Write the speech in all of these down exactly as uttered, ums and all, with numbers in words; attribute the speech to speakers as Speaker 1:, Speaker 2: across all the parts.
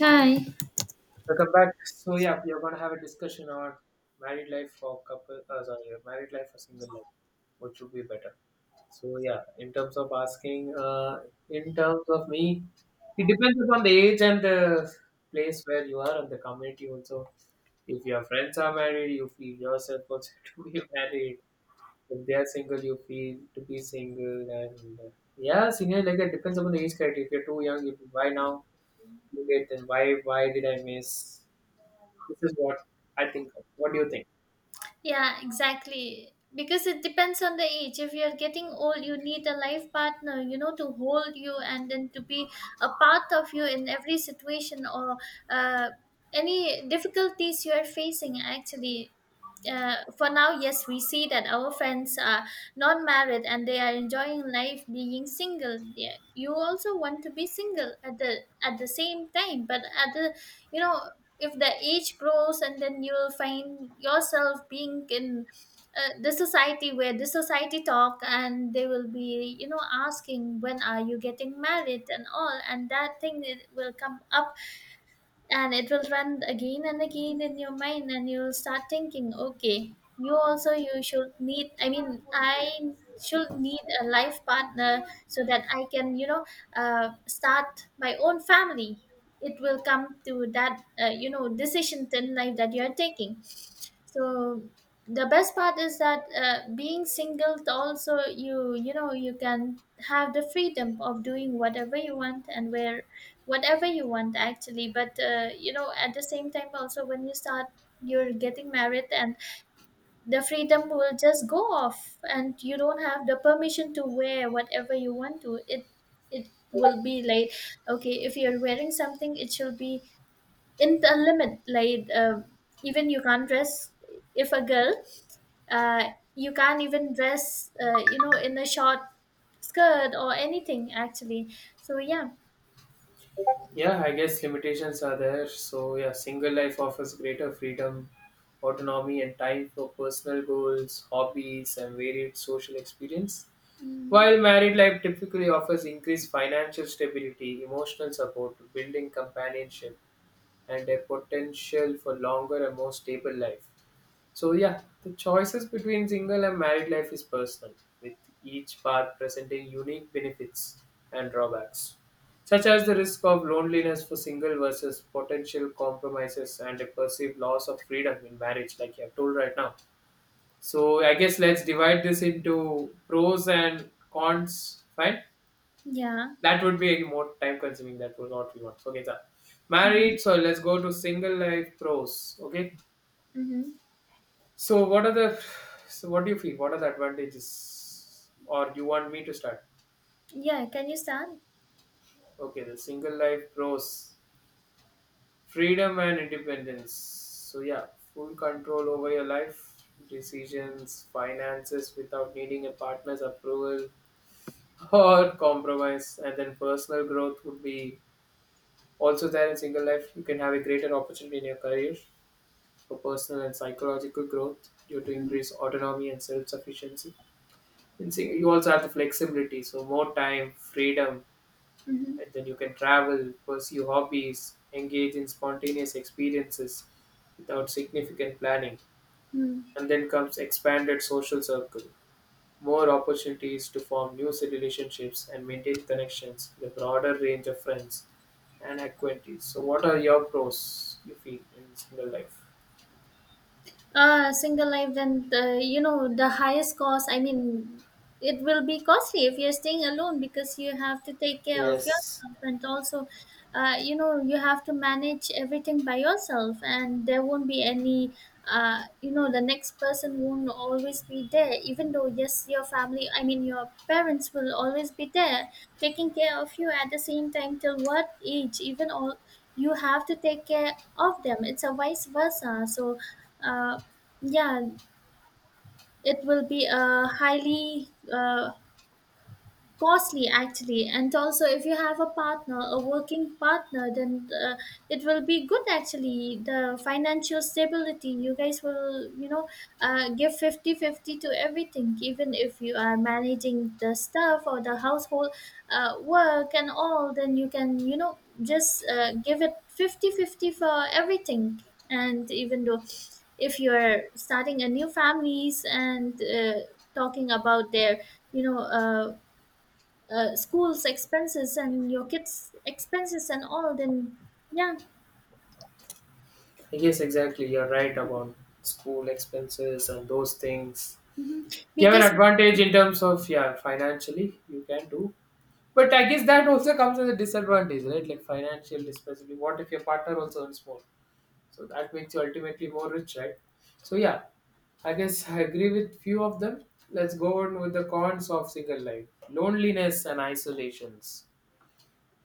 Speaker 1: Hi.
Speaker 2: Welcome back. So yeah, we are gonna have a discussion on married life for couple. Uh, sorry, married life for single life. What should be better? So yeah, in terms of asking, uh, in terms of me, it depends upon the age and the place where you are and the community also. If your friends are married, you feel yourself also to be married. If they are single, you feel to be single. And uh, yeah, single like that depends upon the age criteria. If you're too young, if why now? Too late, then why? Why did I miss? This is what I think of. What do you think?
Speaker 1: Yeah, exactly. Because it depends on the age. If you're getting old, you need a life partner, you know, to hold you and then to be a part of you in every situation or uh, any difficulties you are facing, actually. Uh, for now, yes, we see that our friends are not married and they are enjoying life being single. Yeah, you also want to be single at the at the same time, but at the, you know, if the age grows and then you'll find yourself being in uh, the society where the society talk and they will be, you know, asking when are you getting married and all, and that thing it will come up and it will run again and again in your mind, and you'll start thinking, okay, you also you should need, I mean, I should need a life partner so that I can, you know, uh, start my own family. It will come to that uh, you know decision in life that you are taking. So the best part is that uh, being single also you you know, you can have the freedom of doing whatever you want and where whatever you want, actually, but uh, you know at the same time also when you start you're getting married and the freedom will just go off, and you don't have the permission to wear whatever you want to. it it will be like, okay, if you're wearing something it should be in the limit, like, uh, even you can't dress, if a girl, uh, you can't even dress, uh, you know, in a short skirt or anything, actually. So yeah.
Speaker 2: Yeah, I guess limitations are there. So, yeah, single life offers greater freedom, autonomy, and time for personal goals, hobbies, and varied social experience. While
Speaker 1: Mm.
Speaker 2: married life typically offers increased financial stability, emotional support, building companionship, and a potential for longer and more stable life. So yeah, the choices between single and married life is personal, with each path presenting unique benefits and drawbacks, such as the risk of loneliness for single versus potential compromises and a perceived loss of freedom in marriage, like you have told right now. So I guess let's divide this into pros and cons. Fine,
Speaker 1: Yeah.
Speaker 2: that would be more time consuming. That was what we want. Okay, so
Speaker 1: Mm-hmm.
Speaker 2: married. So let's go to single life pros. Okay.
Speaker 1: Mm-hmm.
Speaker 2: So what are the so what do you feel? What are the advantages? Or you want me to start?
Speaker 1: Yeah, can you start?
Speaker 2: Okay, the single life pros, freedom and independence. So yeah, full control over your life, decisions, finances without needing a partner's approval or compromise. And then personal growth would be also there in single life. You can have a greater opportunity in your career for personal and psychological growth due to
Speaker 1: Mm-hmm.
Speaker 2: increased autonomy and self-sufficiency. In sing- you also have the flexibility, so more time, freedom,
Speaker 1: Mm-hmm.
Speaker 2: and then you can travel, pursue hobbies, engage in spontaneous experiences without significant planning.
Speaker 1: Mm-hmm.
Speaker 2: And then comes expanded social circle, more opportunities to form new relationships and maintain connections with a broader range of friends and acquaintances. So, what are your pros you feel in single life?
Speaker 1: Uh single life, then, uh, you know, the highest cost, I mean, it will be costly if you're staying alone because you have to take care of
Speaker 2: Yes,
Speaker 1: yourself, and also uh, you know you have to manage everything by yourself, and there won't be any, uh, you know, the next person won't always be there. Even though, yes, your family, I mean, your parents will always be there taking care of you, at the same time till what age, even all, you have to take care of them. It's a vice versa. So uh, yeah, it will be a highly uh, costly, actually. And also if you have a partner, a working partner, then uh, it will be good actually. The financial stability, you guys will, you know, uh, give fifty fifty to everything. Even if you are managing the stuff or the household uh, work and all, then you can, you know, just uh, give it fifty fifty for everything. And even though if you're starting a new families and uh, talking about their, you know, uh, uh, school's expenses and your kids' expenses and all, then yeah.
Speaker 2: I guess exactly. You're right about school expenses and those things.
Speaker 1: Hmm.
Speaker 2: You have an
Speaker 1: Because
Speaker 2: advantage in terms of yeah, financially you can do, but I guess that also comes as a disadvantage, right? Like financial especially. What if your partner also earns more? So that makes you ultimately more rich, right? So yeah, I guess I agree with few of them. Let's go on with the cons of single life: loneliness and isolations,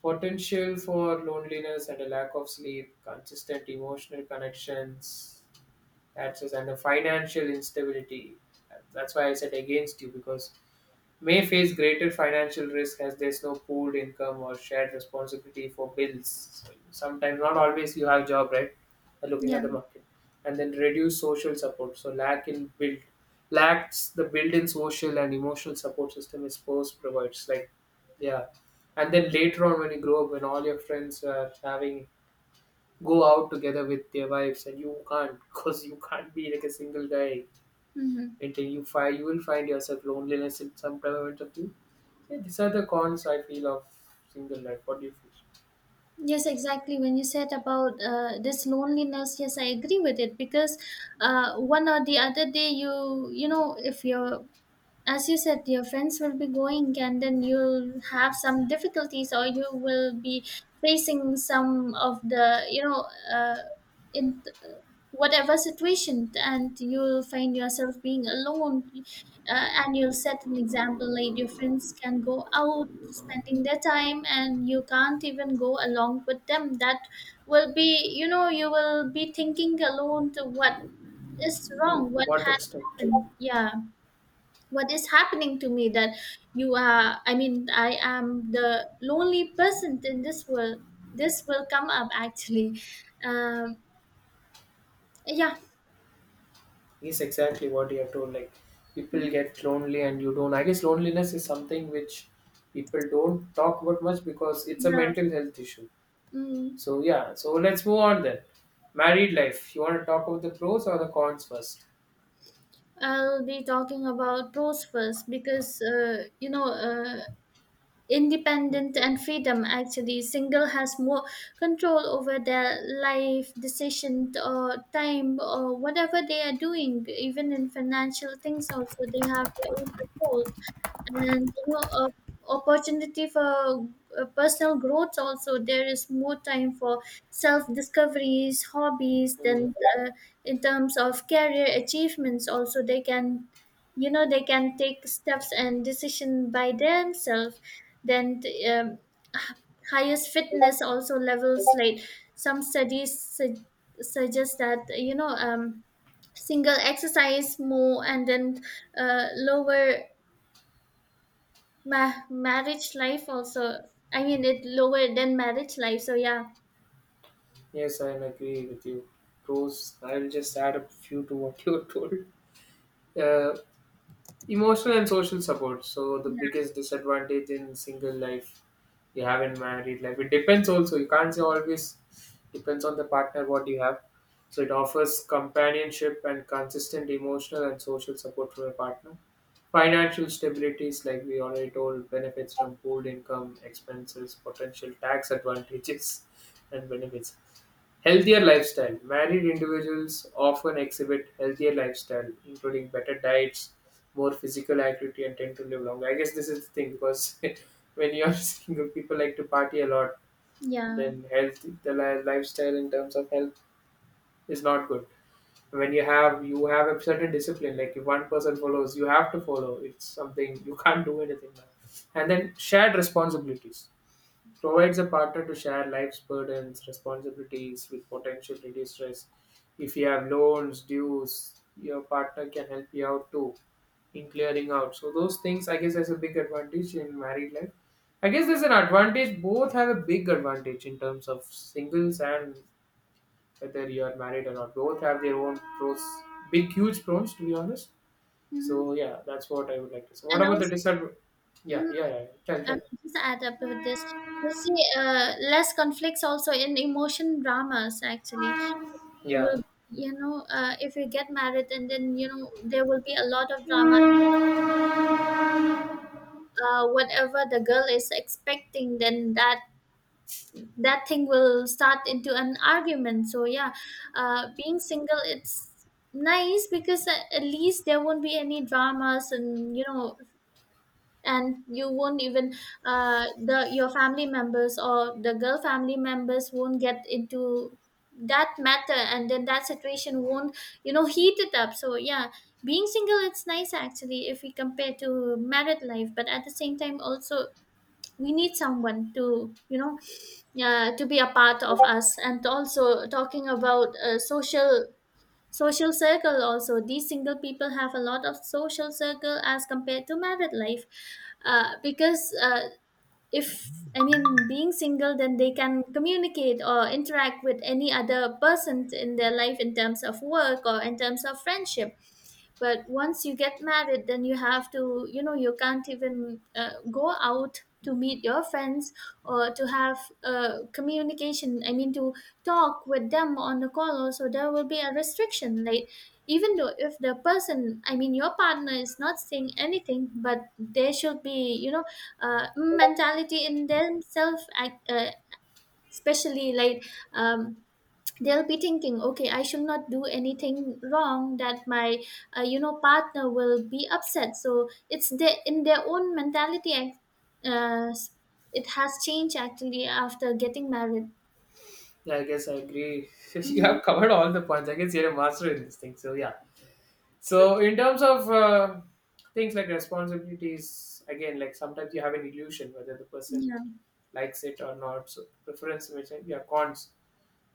Speaker 2: potential for loneliness and a lack of sleep, consistent emotional connections, that's just and the financial instability. That's why I said against you because may face greater financial risk as there's no pooled income or shared responsibility for bills. Sometimes, not always, you have job right. Uh, Looking at
Speaker 1: yeah.
Speaker 2: the market, and then reduce social support. So lack in build lacks the built-in social and emotional support system is post provides. Like yeah, and then later on when you grow up, when all your friends are having go out together with their wives, and you can't because you can't be like a single guy.
Speaker 1: Hmm.
Speaker 2: Until you find you will find yourself loneliness in some time, yeah, these are the cons I feel of single life. What do you feel?
Speaker 1: Yes, exactly. When you said about uh, this loneliness, yes, I agree with it because uh, one or the other day, you you know, if you're, as you said, your friends will be going, and then you'll have some difficulties, or you will be facing some of the, you know, uh, in whatever situation, and you'll find yourself being alone, uh, and you'll set an example, like your friends can go out spending their time, and you can't even go along with them. That will be, you know, you will be thinking alone to what is
Speaker 2: To
Speaker 1: wrong, what
Speaker 2: what
Speaker 1: had
Speaker 2: extent?
Speaker 1: happened. Yeah, what is happening to me that you are, I mean, I am the lonely person in this world. This will come up, actually. um yeah.
Speaker 2: Yes, exactly what you have told. Like people get lonely and you don't. I guess loneliness is something which people don't talk about much because it's a
Speaker 1: Yeah.
Speaker 2: mental health issue.
Speaker 1: Mm.
Speaker 2: So yeah, so let's move on then. Married life. You want to talk about the pros or the cons first?
Speaker 1: I'll be talking about pros first because, uh, you know, uh, independent and freedom, actually single has more control over their life decision or time or whatever they are doing. Even in financial things also they have their own control, and you know, uh, opportunity for uh, personal growth also. There is more time for self discoveries, hobbies,
Speaker 2: Mm,
Speaker 1: then uh, in terms of career achievements also, they can, you know, they can take steps and decision by themselves. Then the, um, h- highest fitness also levels, like some studies su- suggest that, you know, um, single exercise more and then uh, lower Ma- marriage life also. I mean, it lower than marriage life. So yeah.
Speaker 2: Yes, I agree with you. Pros. I will just add a few to what you told. Uh, Emotional and social support. So the
Speaker 1: Yeah.
Speaker 2: biggest disadvantage in single life you have in married life. It depends also. You can't say always depends on the partner what you have. So it offers companionship and consistent emotional and social support from a partner. Financial stabilities, like we already told, benefits from pooled income, expenses, potential tax advantages, and benefits. Healthier lifestyle. Married individuals often exhibit healthier lifestyle, including better diets, more physical activity, and tend to live longer. I guess this is the thing because when you're single, people like to party a lot, and
Speaker 1: Yeah.
Speaker 2: then health, the li- lifestyle in terms of health is not good. When you have you have a certain discipline, like if one person follows, you have to follow. It's something you can't do anything now. And then shared responsibilities provides a partner to share life's burdens, responsibilities with potential reduced stress. If you have loans, dues, your partner can help you out too in clearing out. So those things, I guess, has a big advantage in married life. I guess there's an advantage. Both have a big advantage in terms of singles and whether you are married or not. Both have their own pros, big, huge pros, to be honest.
Speaker 1: Hmm.
Speaker 2: So yeah, that's what I would like to say. What
Speaker 1: And
Speaker 2: about the
Speaker 1: also,
Speaker 2: disadvantage? Yeah,
Speaker 1: mm,
Speaker 2: yeah, yeah. yeah. Tell,
Speaker 1: and
Speaker 2: tell.
Speaker 1: just add up with this, you see, uh, less conflicts also in emotion dramas. Actually, you
Speaker 2: Yeah.
Speaker 1: will, you know, uh, if you get married, and then you know there will be a lot of drama. Uh, whatever the girl is expecting, then that that thing will start into an argument. So yeah, uh, being single it's nice because, a- at least there won't be any dramas, and you know, and you won't even, uh, the your family members or the girl family members won't get into that matter, and then that situation won't, you know, heat it up. So yeah, being single it's nice, actually, if we compare to married life. But at the same time also we need someone to, you know, uh, to be a part of us. And also talking about uh, social social circle also, these single people have a lot of social circle as compared to married life, uh, because, uh, if, I mean, being single, then they can communicate or interact with any other person in their life in terms of work or in terms of friendship. But once you get married, then you have to, you know, you can't even uh, go out to meet your friends or to have uh, communication, I mean, to talk with them on the call. Also there will be a restriction, like, even though if the person, I mean, your partner is not saying anything, but they should be, you know, uh, mentality in themselves ac- uh, especially, like, um, they'll be thinking, okay, I should not do anything wrong, that my, uh, you know, partner will be upset. So it's the in their own mentality ac- uh, s- it has changed, actually, after getting married.
Speaker 2: Yeah, I guess I agree. You
Speaker 1: Mhm.
Speaker 2: have covered all the points. I guess you're a master in this thing. So yeah. So in terms of uh, things like responsibilities, again, like sometimes you have an illusion whether the person
Speaker 1: Yeah.
Speaker 2: likes it or not. So preference, which I- yeah, cons,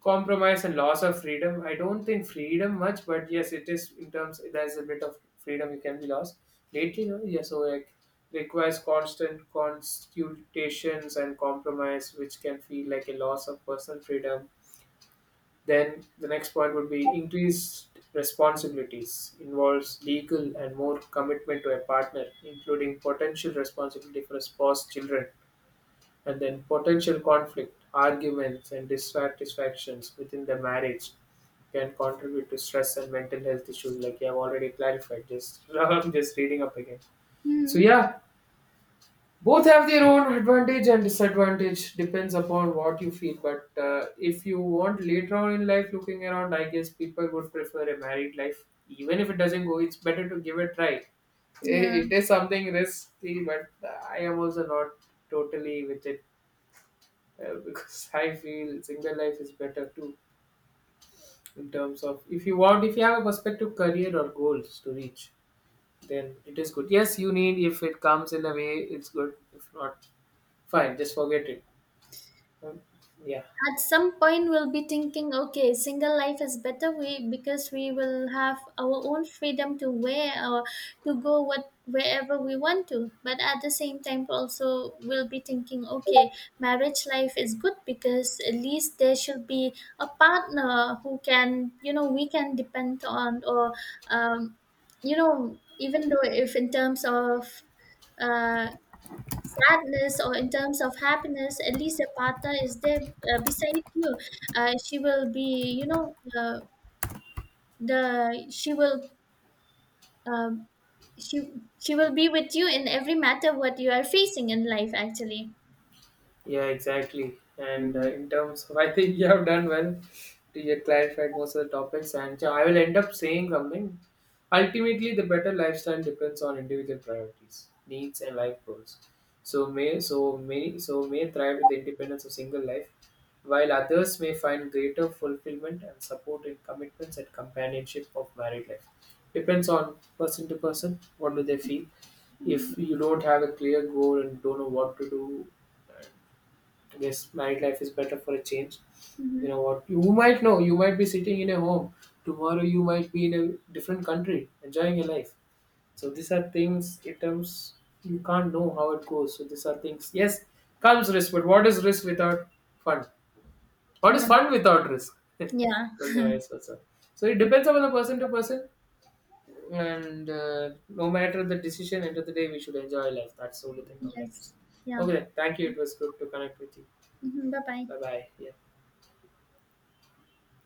Speaker 2: compromise, and loss of freedom. I don't think freedom much, but yes, it is in terms. There's a bit of freedom you can be lost lately. No, yeah. So like requires constant consultations and compromise, which can feel like a loss of personal freedom, then the next point would be increased responsibilities involves legal and more commitment to a partner, including potential responsibility for a spouse, children, and then potential conflict, arguments, and dissatisfactions within the marriage can contribute to stress and mental health issues, like you have already clarified. Just I'm just reading up again. So
Speaker 1: Mhm.
Speaker 2: yeah, both have their own advantage and disadvantage depends upon what you feel, but uh, if you want later on in life looking around, I guess people would prefer a married life even if it doesn't go, it's better to give it a try. I-
Speaker 1: Yeah,
Speaker 2: it is something risky, but I am also not totally with it, uh, because I feel single life is better too in terms of if you want, if you have a perspective career or goals to reach, then it is good. Yes, you need, if it comes in a way, it's good, if not, fine, just forget it. Um, yeah.
Speaker 1: at some point we'll be thinking, okay, single life is better, we because we will have our own freedom to wear or to go what wherever we want to. But at the same time also we'll be thinking, okay, marriage life is good because at least there should be a partner who can, you know, we can depend on, or um, you know, even though if in terms of uh, sadness or in terms of happiness, at least a partner is there, uh, beside you. Uh, she will be, you know, uh, the she will um, she she will be with you in every matter what you are facing in life, actually.
Speaker 2: Yeah, exactly. And uh,
Speaker 1: Mm-hmm.
Speaker 2: in terms of, I think you have done well to get clarified most of the topics. And yeah, I will end up saying something. Ultimately, the better lifestyle depends on individual priorities, needs, and life goals. So may so may so may thrive with the independence of single life, while others may find greater fulfillment and support in commitments and companionship of married life. Depends on person to person. What do they feel? If you don't have a clear goal and don't know what to do, yes, married life is better for a change. You know
Speaker 1: Mm-hmm.
Speaker 2: what? You might know, you might be sitting in a home. Tomorrow, you might be in a different country enjoying your life. So, these are things, in terms you can't know how it goes. So, these are things. Yes, comes risk, but what is risk without fun? What
Speaker 1: Yeah.
Speaker 2: is fun without risk?
Speaker 1: Yeah.
Speaker 2: Well, the vice versa. So, it depends upon the person to person. And uh, no matter the decision, end of the day, we should enjoy life. That's the only thing I would like to say.
Speaker 1: Yes. Yeah.
Speaker 2: Okay, then. Thank you. It was good to connect with you.
Speaker 1: Hmm. Bye bye.
Speaker 2: Bye bye.